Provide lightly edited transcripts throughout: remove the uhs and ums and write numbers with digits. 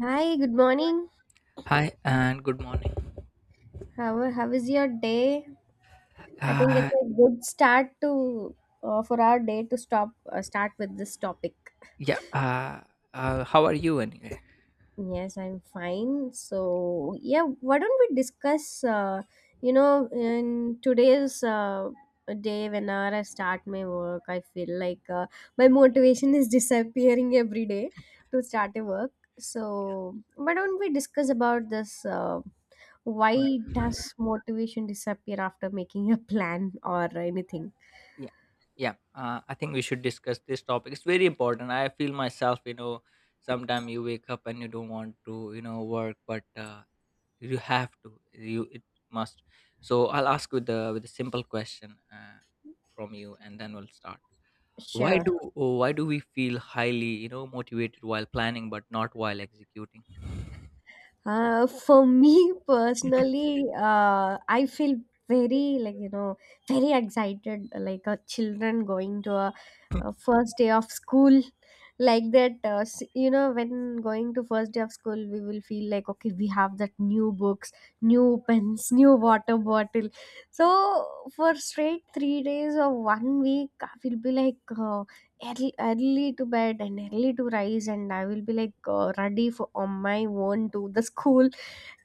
Hi, good morning. Hi and good morning. How is your day? I think it's Uh, a good start to for our day to stop start with this topic. yeah, how are you anyway? Yes, I'm fine. So yeah, why don't we discuss? In today's day, whenever I start my work, I feel like my motivation is disappearing every day to start a work. So why don't we discuss about this? Why Yeah, does motivation disappear after making a plan or anything? yeah, yeah. I think we should discuss this topic. It's very important. I feel myself, sometimes you wake up and you don't want to, work, but you have to. You it must. So I'll ask with a simple question, from you, and then we'll start. why Sure. do oh, why do we feel highly motivated while planning but not while executing? For me personally, I feel very like you know very excited, like a children going to a first day of school, like that. You know, when going to first day of school, we will feel like okay, we have that new books, new pens, new water bottle. So for straight 3 days or 1 week, I will be like. Early to bed and early to rise, and I will be like ready for on my own to the school,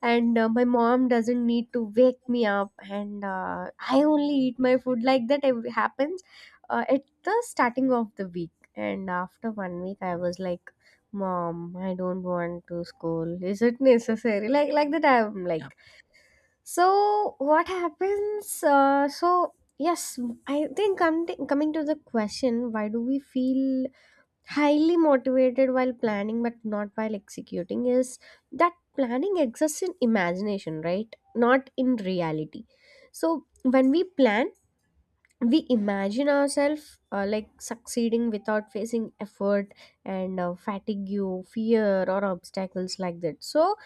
and my mom doesn't need to wake me up, and I only eat my food, like that it happens at the starting of the week. And after 1 week I was like, mom, I don't want to school, is it necessary, like that I'm Yeah. like. So what happens so yes, I think coming to the question, why do we feel highly motivated while planning but not while executing is that planning exists in imagination, right, not in reality. So when we plan, we imagine ourselves like succeeding without facing effort and fatigue, fear or obstacles, like that. So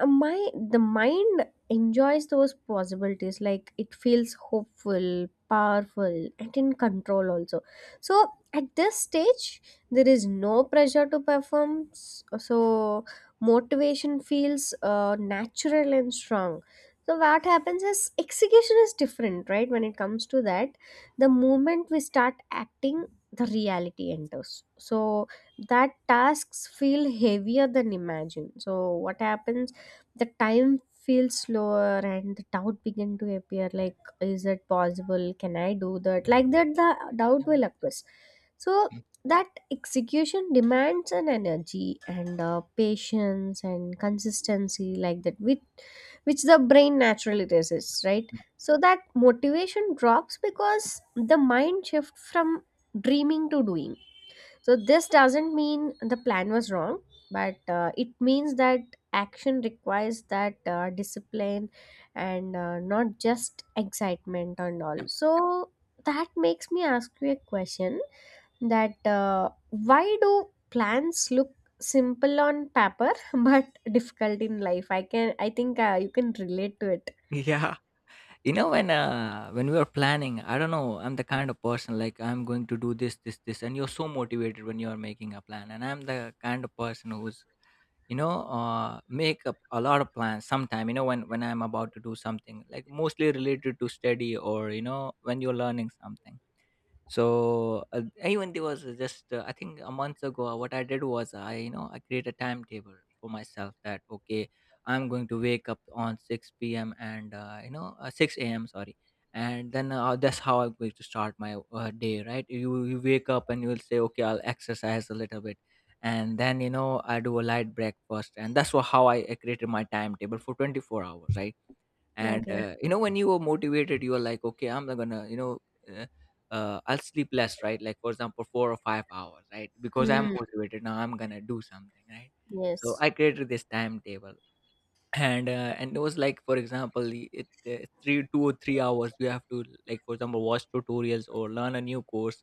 my the mind enjoys those possibilities, like it feels hopeful, powerful and in control also. So at this stage there is no pressure to perform, so motivation feels natural and strong. So what happens is execution is different, right, when it comes to that. The moment we start acting, the reality enters, so that tasks feel heavier than imagined. So what happens, the time feels slower and the doubt begin to appear, like is it possible, can I do that, like that the doubt will occurs. So Mm, that execution demands an energy and patience and consistency, like that, which the brain naturally resists, right. yeah, So that motivation drops because the mind shift from dreaming to doing. So this doesn't mean the plan was wrong, but it means that action requires that discipline and not just excitement and all. yeah. So that makes me ask you a question, that why do plans look simple on paper but difficult in life? I think you can relate to it. Yeah. You know when when we were planning, I don't know, I'm the kind of person like I'm going to do this this this, and you're so motivated when you're making a plan. And I'm the kind of person who's you know make up a lot of plans sometime, when I'm about to do something, like mostly related to study, or when you're learning something. So even there was, just, I think a month ago, what I did was, I you know I create a timetable for myself, that okay, I'm going to wake up on 6 p.m., and 6 a.m., sorry. And then, that's how I'm going to start my day, right. You wake up and you'll say, okay, I'll exercise a little bit, and then I do a light breakfast, and that's how I created my timetable for 24 hours, right. and Okay. uh, when you are motivated, you are like, okay, I'm not gonna, uh, I'll sleep less, right, like for example 4 or 5 hours, right, because I'm Hmm. motivated now, I'm gonna do something, right. So Yes. I created this timetable, and it was like, for example, it three two or 3 hours you have to, like for example, watch tutorials or learn a new course,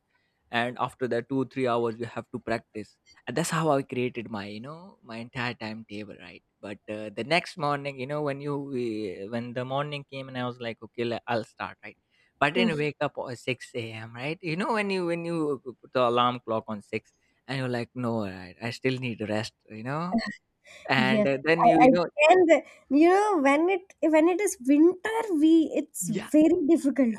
and after that 2, 3 hours you have to practice. And that's how I created my, my entire timetable, right. But the next morning, when the morning came, and I was like, okay, I'll start, right. But I Hmm. didn't wake up at 6 a.m., right. When you put the alarm clock on 6, and you're like, no, I still need to rest. And Yes, then I, you I you know can. You know, when it is winter, we it's Yeah. very difficult.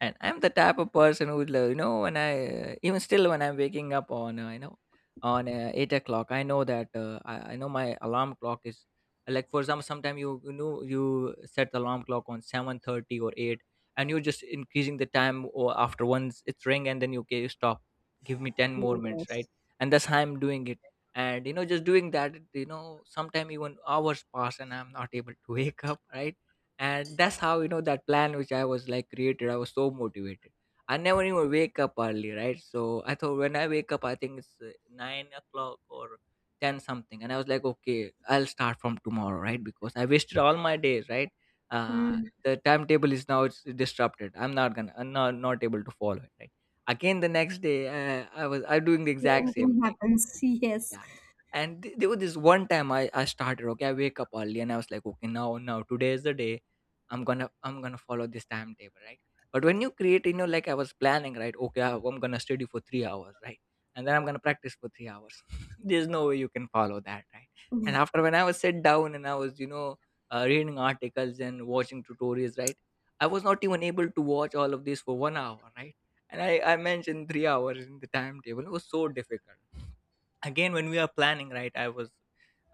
And I'm the type of person who when I, even still, when I'm waking up on 8 o'clock, I know that, I know my alarm clock is, like for example, sometime you set the alarm clock on 7:30 or 8, and you're just increasing the time, or after once it's ring, and then okay, you stop, give me 10 more minutes, Yes. right. And that's how I'm doing it. And just doing that, sometime even hours pass, and I'm not able to wake up, right. And that's how, that plan which I was like created, I was so motivated, I never even wake up early, right. So I thought when I wake up, I think it's 9 o'clock or 10 something, and I was like, okay, I'll start from tomorrow, right, because I wasted all my days, right. uh Mm, the timetable is, now it's disrupted, I'm not able to follow it, right. Again, the next day, I was I doing the exact same same thing thing. happens. Yes. Yeah. And there was this one time, I started, okay, I wake up early, and I was like, okay, now today is the day. I'm gonna follow this timetable, right? But when you create, like I was planning, right? Okay, I'm gonna study for 3 hours, right? And then I'm gonna practice for 3 hours. There's no way you can follow that, right? And Yeah, after, when I was sit down and I was, reading articles and watching tutorials, right? I was not even able to watch all of this for 1 hour, right? And I mentioned 3 hours in the timetable. It was so difficult again when we are planning, right, I was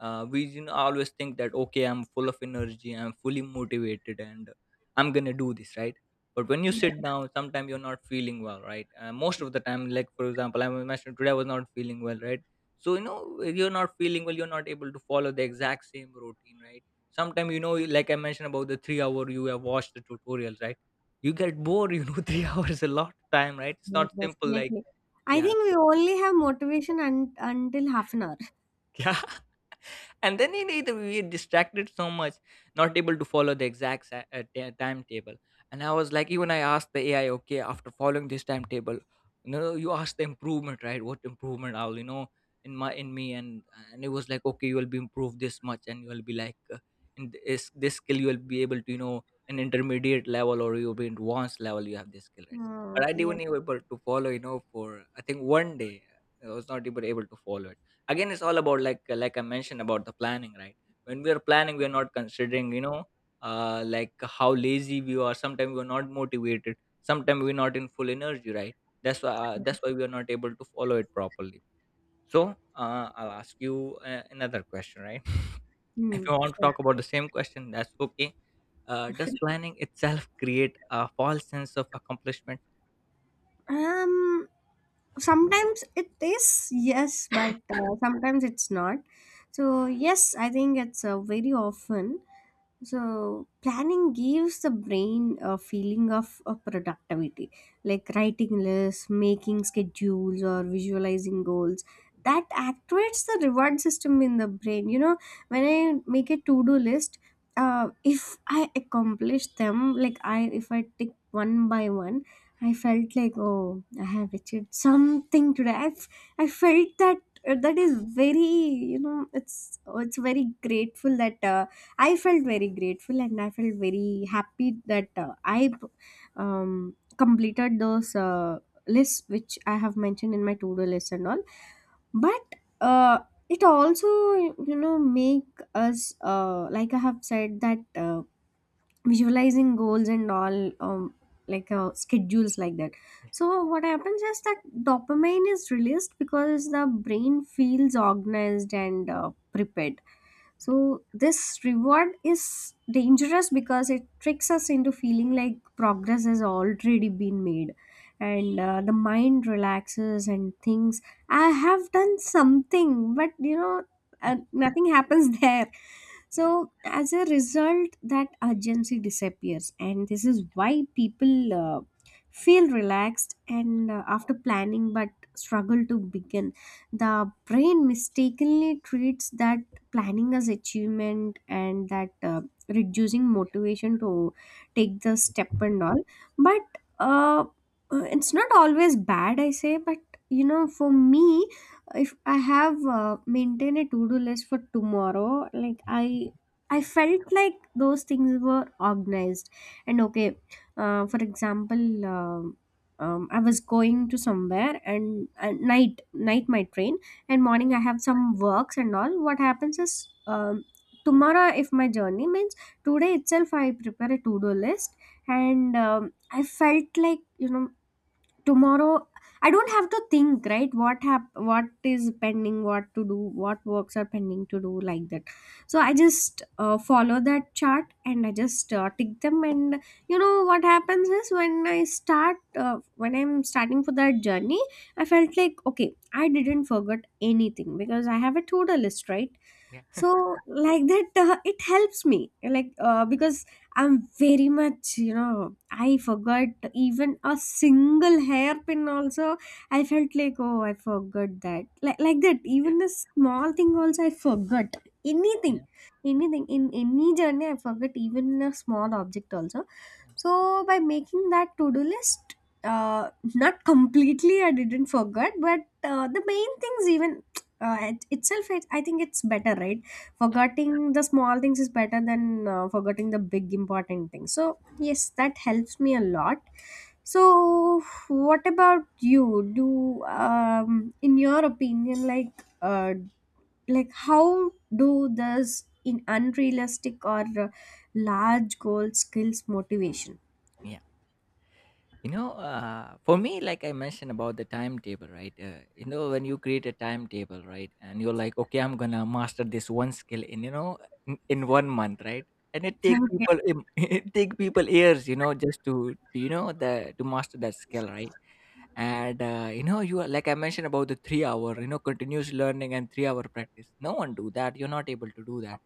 we you know, always think that, okay, I'm full of energy, I'm fully motivated, and I'm gonna do this, right. But when you sit down, sometimes you're not feeling well, right, most of the time, like for example, I mentioned today I was not feeling well, right. So, if you're not feeling well, you're not able to follow the exact same routine, right. Sometimes, like I mentioned about the 3 hour you have watched the tutorials, right, you get bored. 3 hours a lot of time, right, it's yeah, not simple, like, definitely. I yeah. think we only have motivation un until half an hour. Yeah. And then you need, we were distracted so much, not able to follow the exact timetable. And I was like, even I asked the AI, okay, after following this timetable, you asked the improvement, right, what improvement I'll, in my in me, and it was like, okay, you will be improved this much, and you will be like, in this skill you will be able to, an intermediate level, or you'll be in advanced level, you have this skill, right. But I Yeah. didn't even able to follow, for, I think, one day I was not even able to follow it. Again, it's all about, like, I mentioned about the planning, right? When we are planning, we are not considering, like how lazy we are. Sometimes we are not motivated, sometimes we're not in full energy, right? That's why we are not able to follow it properly. So, I'll ask you, another question, right? Hmm. If you want to Sure. talk about the same question, that's okay. Does planning itself create a false sense of accomplishment? Um, sometimes it is yes, but sometimes it's not. So yes, I think it's very often. So planning gives the brain a feeling of productivity, like writing lists, making schedules, or visualizing goals. That activates the reward system in the brain. You know, when I make a to do list, if I accomplish them, like I if I tick one by one, I felt like, oh, I have achieved something today. I felt that that is very you know it's very grateful that. I felt very grateful and I felt very happy that I completed those lists which I have mentioned in my to do list and all. But uh, it also, you know, make us, like I have said, that visualizing goals and all, like schedules like that. So what happens is that dopamine is released because the brain feels organized and prepared. Yeah, So this reward is dangerous because it tricks us into feeling like progress has already been made. And the mind relaxes and thinks, I have done something, but you know, nothing happens there. yeah, So as a result, that urgency disappears, and this is why people feel relaxed and after planning but struggle to begin. The brain mistakenly treats that planning as achievement and that reducing motivation to take the step and all. But it's not always bad, I say, but you know, for me, if I have maintained a to-do list for tomorrow, like I yeah, felt like those things were organized and okay. For example, um I was going to somewhere and at night my train, and morning I have some works and all. What happens is um, tomorrow if my journey means, today itself I prepare a to-do list, and I felt like you know tomorrow I don't have to think, right, what is pending, what to do, what works are pending to do, like that. So I just follow that chart and I just tick them. And you know what happens is, when I start uh, when I'm starting for that journey, I felt like okay, I didn't forget anything because I have a to-do list, right. yeah, So like that it helps me, like because I'm very much you know I forgot even a single hairpin also, I felt like oh I forgot that, like that yeah, even a small thing also I forgot anything. yeah, In any journey I forgot even a small object also. yeah, So by making that to-do list, not completely, I didn't forget, but the main things even itself, I think it's better, right? yeah, Forgetting the small things is better than forgetting the big important things. So yes, that helps me a lot. So what about you? Do in your opinion, uh, like how do this in unrealistic or large goal skills motivation? yeah. You know, for me, like I mentioned about the timetable, right? You know, when you create a timetable, right, and you're like, okay, I'm gonna master this one skill in, in one month, right? And it take Okay. people, it, take people years, just to the to master that skill, right? And you are like I mentioned about the 3 hour, continuous learning and 3 hour practice, no one do that, you're not able to do that.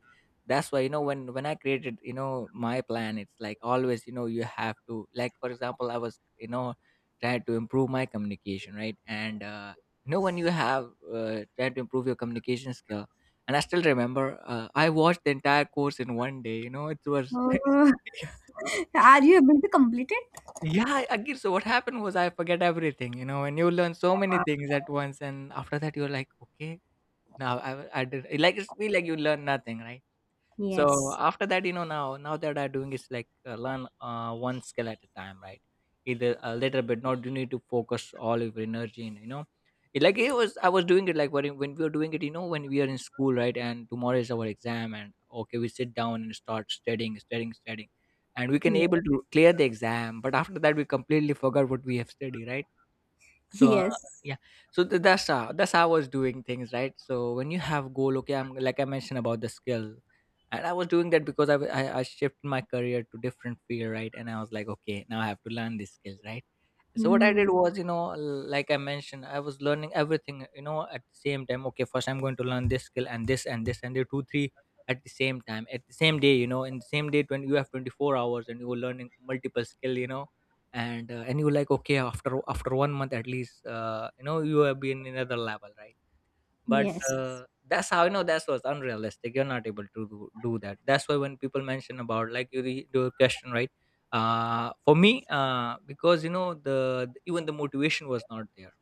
That's why, when I created, my plan it's like, always, you have to, like for example, I was, trying to improve my communication, right, and when you have, tried to improve your communication skill, and I still remember, I watched the entire course in one day, it was Oh. Are you able to complete it? yeah, again. So what happened was, I forget everything, and you learn so many things at once, and after that you're like, okay, now I did, like, it's feel like you learn nothing, right. So Yes. after that, now that I'm doing is like, learn, one skill at a time, right, either a little bit, not, you need to focus all of your energy in. It, like it was I was doing it like when we were doing it, when we are in school, right, and tomorrow is our exam, and okay, we sit down and start studying, studying, studying, and we can Yes. able to clear the exam, but after that we completely forgot what we have studied, right. So, Yes. yeah. So that's how I was doing things, right. So when you have goal, okay, I'm like I mentioned about the skill, and I was doing that because I shifted my career to different field, right, and I was like, okay, now I have to learn these skills, right. So what I Mm. did was, like I mentioned, I was learning everything, at the same time. Okay, first I'm going to learn this skill and this and this and the two three at the same time, at the same day, in the same day when you have 24 hours, and you're learning multiple skill, And you like, okay, after one month at least, you have been in another level, right. But, Yes. That's how, that was unrealistic. You're not able to do that. That's why when people mention about like you do a question, right? For me, because you know the even the motivation was not there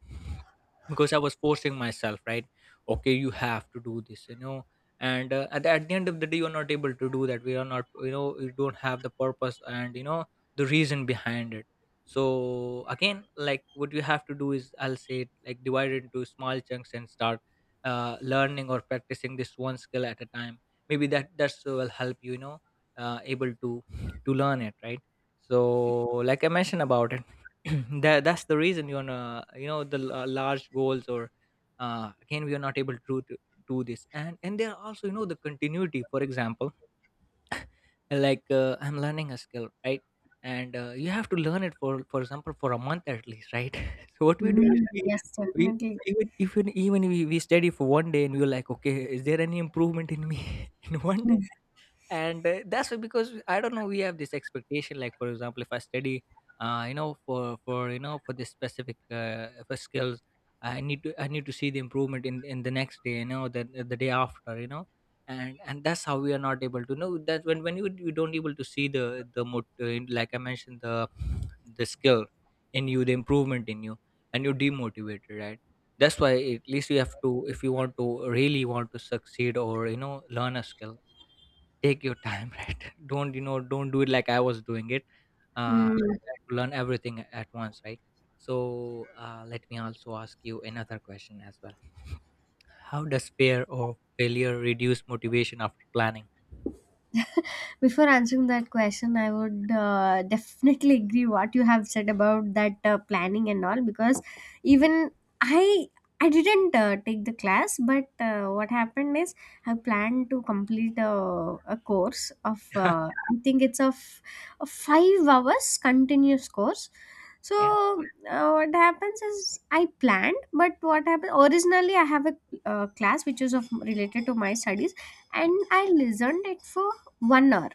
because I was forcing myself, right? Okay, you have to do this. And at the end of the day, you're not able to do that. We are not, you don't have the purpose, and the reason behind it. So again, like what you have to do is, I'll say, like divide it into small chunks and start learning or practicing this one skill at a time. Maybe that's will help you you know able to learn it, right? So like I mentioned about it, that's the reason you wanna, the large goals. Or again, we are not able to do this. And there are also, you know, the continuity. For example, like I'm learning a skill, right? And you have to learn it for example, for a month at least, right? So what we do is Mm. we Yes, we definitely. We study for one day and we're like, okay, is there any improvement in me in one day? And that's why, because I don't know, we have this expectation. Like, for example, if I study, you know, for you know, for this specific for skills, I need to see the improvement in the next day, you know, the day after, you know And that's how we are not able to know, that when you don't able to see the the mot- uh, like I mentioned, the skill in you, the improvement in you, and you're demotivated, right? That's why, at least you have to, if you want to really want to succeed, or, you know, learn a skill, take your time, right? Don't, you know, don't do it like I was doing it. Mm. Mm. Try to learn everything at once, right? So let me also ask you another question as well. How does fear or failure reduce motivation after planning? Before answering that question, I would definitely agree what you have said about that planning and all, because even i I didn't take the class, but what happened is I planned to complete a course of I think it's of a 5 hours continuous course. So Yeah. What happens is I planned, but what happened originally I have a class which is of related to my studies, Yeah. and I listened it for 1 hour.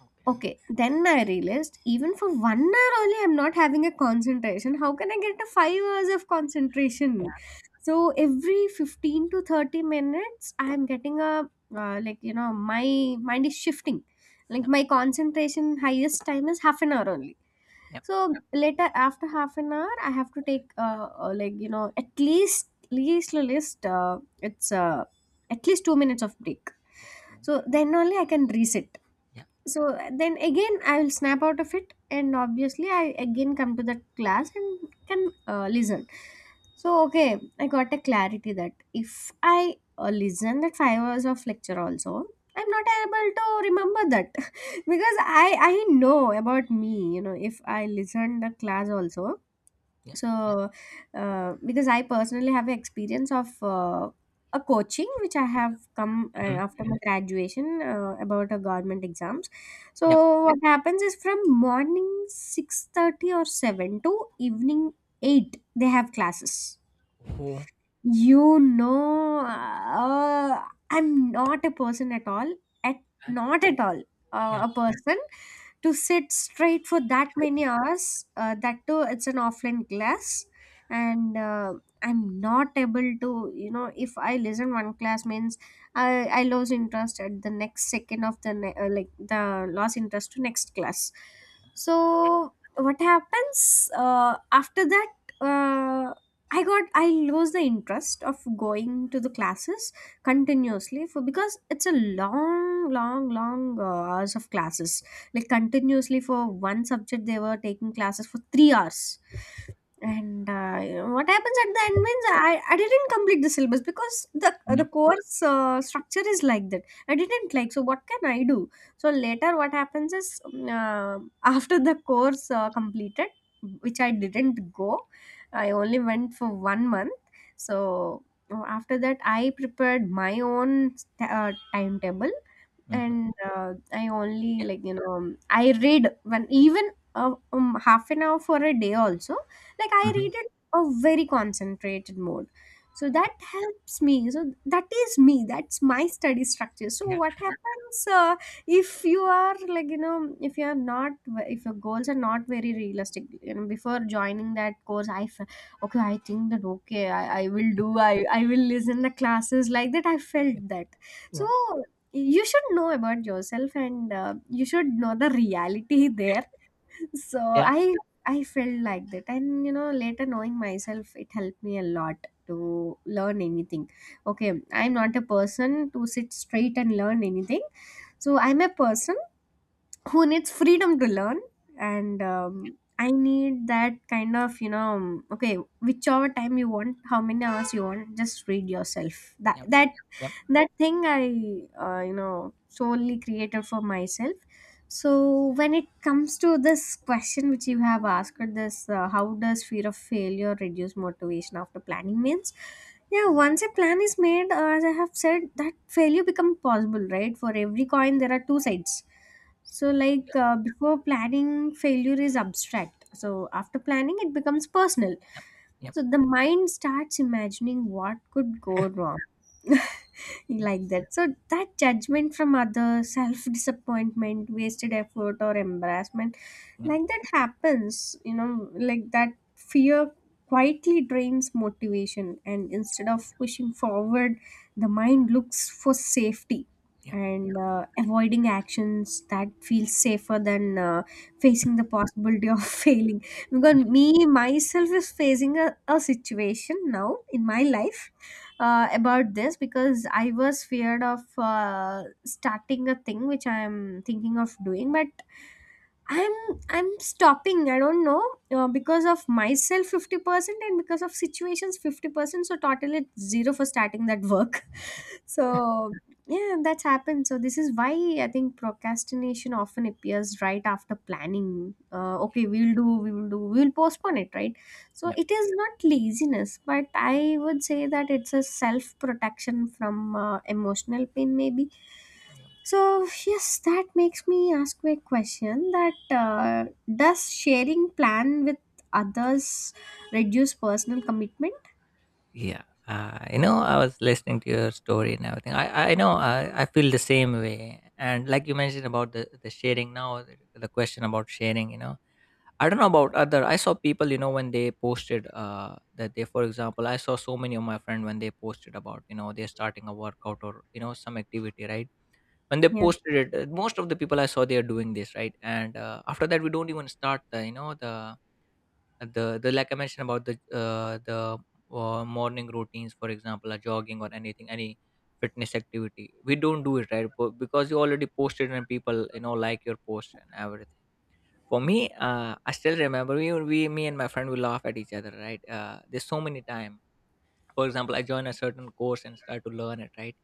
Okay. Okay, then I realized, even for 1 hour only, I'm not having a concentration. How can I get a 5 hours of concentration? So every 15 to 30 minutes, I'm getting a like you know, my mind is shifting. Like Yeah. my concentration highest time is half an hour only. Yeah. So later after half an hour, I have to take like you know at least least least it's at least 2 minutes of break. Okay. So then only I can reset. Yeah. So then again I will snap out of it, and obviously I again come to that class and can listen. So okay, I got a clarity that if I listen that 5 hours of lecture also, I'm not able to remember that because I know about me, you know, if I listen the class also. Yeah. So because I personally have experience of a coaching which I have come Mm-hmm. after my graduation about a government exams. So Yeah. what happens is from morning 6:30 or 7 to evening 8 they have classes. Oh, You know, I'm not a person at all, at uh, not at all yeah. A person to sit straight for that many hours. That too, it's an offline class, and I'm not able to. You know, if I listen one class means I lose interest at the next second of the like the lost interest to next class. So what happens after that? uh, I got I lose the interest of going to the classes continuously for, because it's a long hours of classes. Like continuously for one subject, they were taking classes for 3 hours. And you know, what happens at the end means I didn't complete the syllabus because the Yeah. course structure is like that. I didn't like, so what can I do? So later what happens is after the course completed, which I didn't go, I only went for 1 month. So after that, I prepared my own timetable, Mm-hmm. and I only Yeah. like you know I read when even half an hour for a day also. Like I Mm-hmm. read it a very concentrated mode. So that helps me. So that is me. That's my study structure. So what Yeah. happens if you are if you are not if your goals are not very realistic, you know, before joining that course. I think that, okay, I will do. I will listen the classes like that, I Yeah. felt that. So Yeah. you should know about yourself, and you should know the reality there. So Yeah. I felt like that. And you know, later, knowing myself, it helped me a lot to learn anything. Okay, I'm not a person to sit straight and learn anything. So I'm a person who needs freedom to learn. And I need that kind of, you know, okay, whichever time you want, how many hours you want, just read yourself. that Yeah. Yeah. that that thing I you know, solely created for myself. So when it comes to this question which you have asked, this how does fear of failure reduce motivation after planning means, yeah, once a plan is made, as I have said, that failure become possible, right? For every coin there are two sides. So, like, before planning, failure is abstract. So, after planning, it becomes personal. Yeah. So, the mind starts imagining what could go wrong. Yeah. Like that. So that judgment from others, self disappointment, wasted effort, or embarrassment, like that happens. You know, like that fear quietly drains motivation, and instead of pushing forward, the mind looks for safety Yeah. and avoiding actions that feel safer than facing the possibility of failing, because Yeah. me myself is facing a situation now in my life about this, because I was feared of starting a thing which I am thinking of doing, but I'm I'm stopping. I don't know, because of myself 50% and because of situations 50%. So totally it's zero for starting that work. So yeah, that's happened. So this is why I think procrastination often appears right after planning. Okay, we'll do, we will postpone it, right? So Yeah. it is not laziness, but I would say that it's a self protection from emotional pain, maybe. Yeah. So, yes, that makes me ask you a question that, does sharing plan with others reduce personal commitment? Yeah. You know, I was listening to your story and everything. I know, I feel the same way. And like you mentioned about the sharing now, the question about sharing, you know, I don't know about other. I saw people, you know, when they posted that they, for example — I saw so many of my friend when they posted about, you know, they're starting a workout, or, you know, some activity, right? When they Yes. posted it, most of the people I saw, they are doing this, right? And after that, we don't even start the — like I mentioned about the morning routines, for example, a jogging or anything, any fitness activity. We don't do it, right? Because you already posted, and people, you know, like your post and everything. For me, I still remember we me and my friend, we laugh at each other. Right, there's so many time. For example, I join a certain course and start to learn it, right?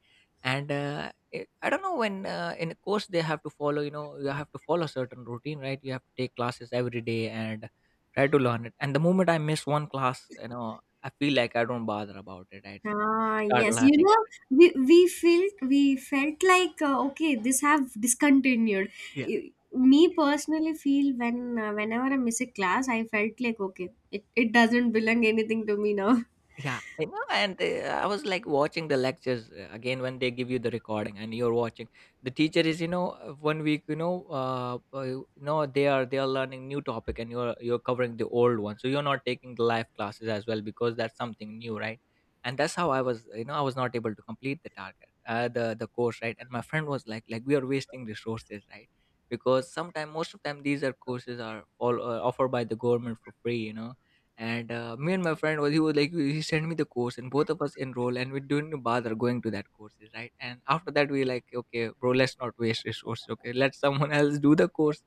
And I don't know when, in a course, they have to follow — you know, you have to follow a certain routine, right? You have to take classes every day and try to learn it. And the moment I miss one class, you know, I feel like I don't bother about it. I Ah, start yes. You learning know, it. We felt like, okay, this have discontinued. Yeah. I- Me personally feel when whenever I miss a class, I felt like, okay, it doesn't belong anything to me now. Yeah, I know. And I was like watching the lectures, again, when they give you the recording and you're watching. The teacher is, you know, one week, you know, they are learning new topic, and you're covering the old one, so you're not taking the live classes as well because that's something new, right? And that's how I was, you know, I was not able to complete the target, the course, right? And my friend was like we are wasting resources, right? Because sometimes, most of time, these are courses are all offered by the government for free, you know. And me and my friend was — he was like, he sent me the course and both of us enroll, and we didn't bother going to that courses, right? And after that, we like, okay, bro, let's not waste resources. Okay, let someone else do the course.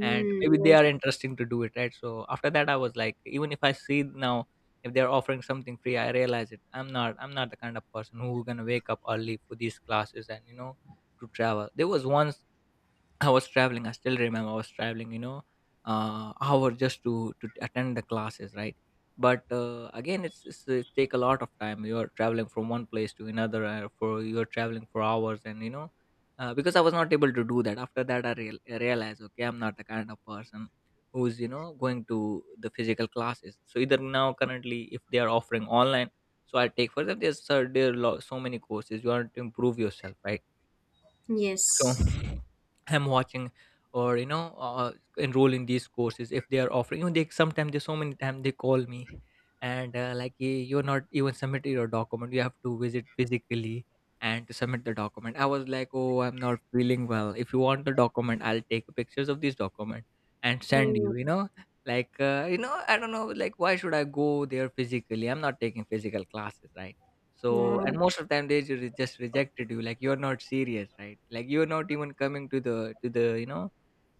And maybe they Yes. are interesting to do it, right? So after that, I was like, even if I see now, if they're offering something free, I realize it. I'm not the kind of person who gonna wake up early for these classes, and you know, to travel. There was once I was traveling — I still remember, I was traveling, you know, hour, just to attend the classes, right? But again, it take a lot of time. You are traveling from one place to another, for you are traveling for hours, and you know, because I was not able to do that. After that, I realized, okay, I'm not the kind of person who's, you know, going to the physical classes. So either now, currently, if they are offering online, so I take for them. There are so many courses. You want to improve yourself, right? So Yes. I'm watching, or, you know, enroll in these courses if they are offering. You know, they sometimes, they so many times they call me, and like, "Hey, you're not even submitted your document, you have to visit physically and to submit the document." I was like, "Oh, I'm not feeling well. If you want the document, I'll take pictures of this document and send Hmm, you, you know, like, you know, I don't know, like, why should I go there physically? I'm not taking physical classes, right?" So, yeah. and most of the time, they just rejected you, like, you're not serious, right? Like, you're not even coming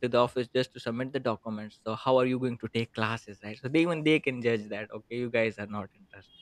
to the office just to submit the documents. So how are you going to take classes, right? So they — even they can judge that, okay, you guys are not interested,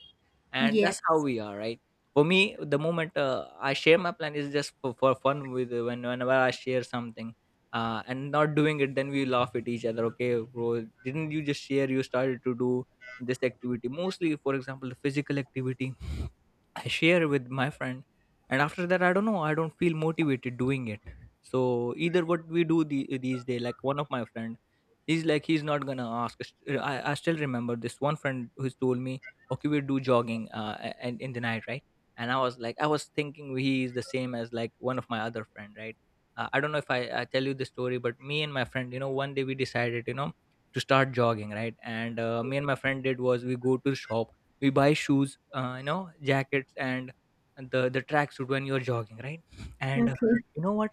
and that's how Yes. we are, right? For me, the moment I share my plan is just for fun with whenever I share something. And not doing it, then we laugh at each other. Okay, bro, didn't you just share? You started to do this activity, mostly, for example, the physical activity. I share with my friend, and after that, I don't know, I don't feel motivated doing it. So either what we do these days, like one of my friend, he's like, he's not gonna ask. I still remember, this one friend who's told me, okay, we'll do jogging, and in the night, right? And I was like, I was thinking he is the same as, like, one of my other friend, right? I don't know if I tell you the story, but me and my friend, you know, one day we decided, you know, to start jogging, right? And me and my friend did was, we go to the shop, we buy shoes, you know, jackets, and the tracksuit, when you're jogging, right? And Okay. you know what,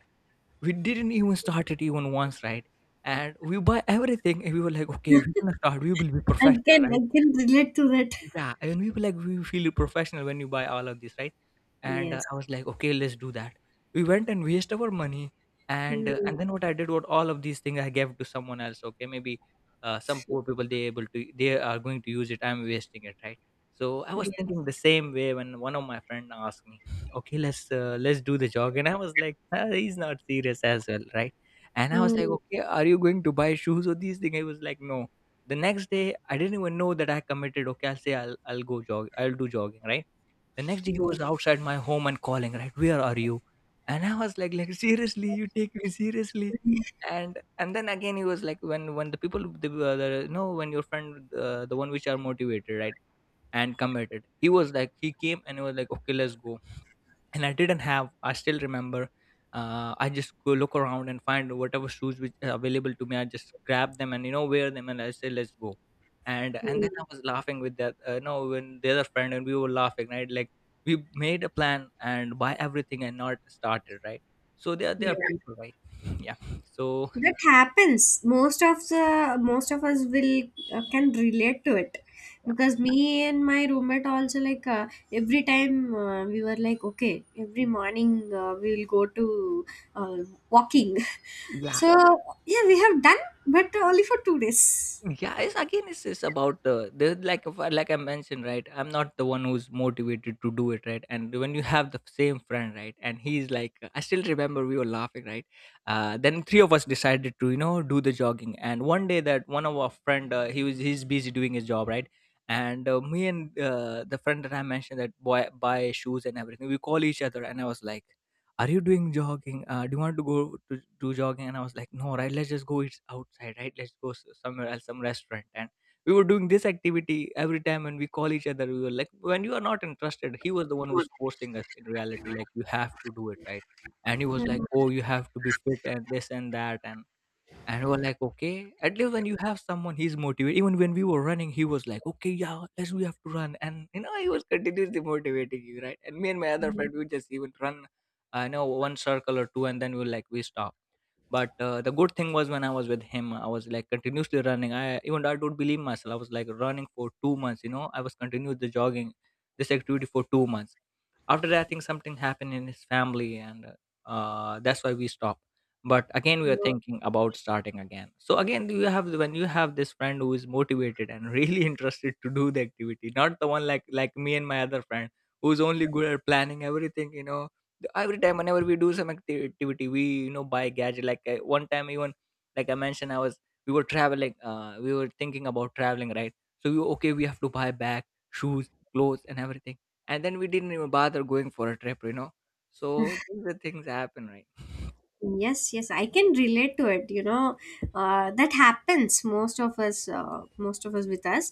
we didn't even start it even once, right? And we buy everything, and we were like, okay, we're gonna start, we will be professional. I can relate to that. Yeah, and we were like, we feel professional when you buy all of this, right? And Yes. I was like, okay, let's do that. We went and waste our money, and uh, Mm. and then what I did was, all of these things I gave to someone else. Okay, maybe some poor people, they are going to use it. I'm wasting it, right? So I was Yes. thinking the same way when one of my friend asked me, okay, let's do the jog, and I was like, "Ah, he's not serious as well, right?" And I was like, Mm. okay, are you going to buy shoes or these things? I was like, no. The next day, I didn't even know that I committed. Okay, I'll say I'll go jog, I'll do jogging, right? The next day, he was Yes. outside my home and calling, right? Where are you? And I was like, seriously, you take me seriously? And then again, he was like, when the people, the no, when your friend, the one which are motivated, right, and committed, he was like, he came and he was like, okay, let's go and I didn't have. I still remember. I just go look around and find whatever shoes which are available to me. I just grab them and wear them, and I say let's go. And Mm. then I was laughing with that. No, When the other friend and we were laughing, right? Like we made a plan and buy everything and not started, right? So there Yeah. are people, right? Yeah. So That happens. Most of the most of us will can relate to it, because me and my roommate also, like, every time we were like, okay, every morning we will go to uh, walking. yeah. So yeah, we have done, but only for 2 days. Yeah, it's again it's about the like if I- like I mentioned, right? I'm not the one who's motivated to do it, right? And when you have the same friend, right, and he's like, I still remember we were laughing, right? Then three of us decided to do the jogging, and one day that one of our friend he's busy doing his job, right? And me and the friend that I mentioned that boy buy shoes and everything, we call each other, and I was like are you doing jogging, do you want to go to do jogging? And I was like, no, right? Let's just go, it's outside, right? Let's go somewhere else, some restaurant. And we were doing this activity every time and we call each other. We were like, when you are not interested, he was the one who's forcing us in reality, like you have to do it, right? And he was like, oh, you have to be fit and this and that. And we're like, okay. At least when you have someone, he's motivated. Even when we were running, he was like, okay, yeah, let's we have to run. And you know, he was continuously motivating you, right? And me and my other friend, we would just even run, I know, one circle or two, and then we will like we stop. But the good thing was when I was with him, I was like continuously running. I even I don't believe myself. I was like running for 2 months. You know, I was continuously jogging this activity for 2 months. After that, I think something happened in his family, and that's why we stopped. But again, we are Mhm. thinking about starting again. So again, you have, when you have this friend who is motivated and really interested to do the activity, not the one like me and my other friend, who's only good at planning everything, you know. Every time, whenever we do some activity, we, you know, buy gadget. Like one time, even like I mentioned, I was we were traveling, we were thinking about traveling, right? So we were, okay, we have to buy bag, shoes, clothes, and everything. And then we didn't even bother going for a trip, you know. So these are things happen, right? Yes, yes, I can relate to it. You know, that happens most of us with us.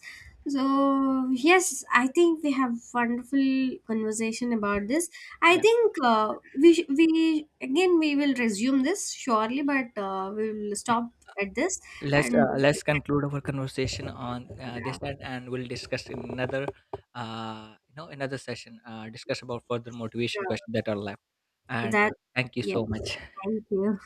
Yeah, So yes, I think we have wonderful conversation about this. I yeah. think we sh- we again we will resume this surely, but we will Yeah. stop at this Let's and uh, let's conclude our conversation on yeah, this that, and we'll discuss in another, you know, another session. Discuss about further motivation sure. questions that are left. And That thank you yes, so much. thank you.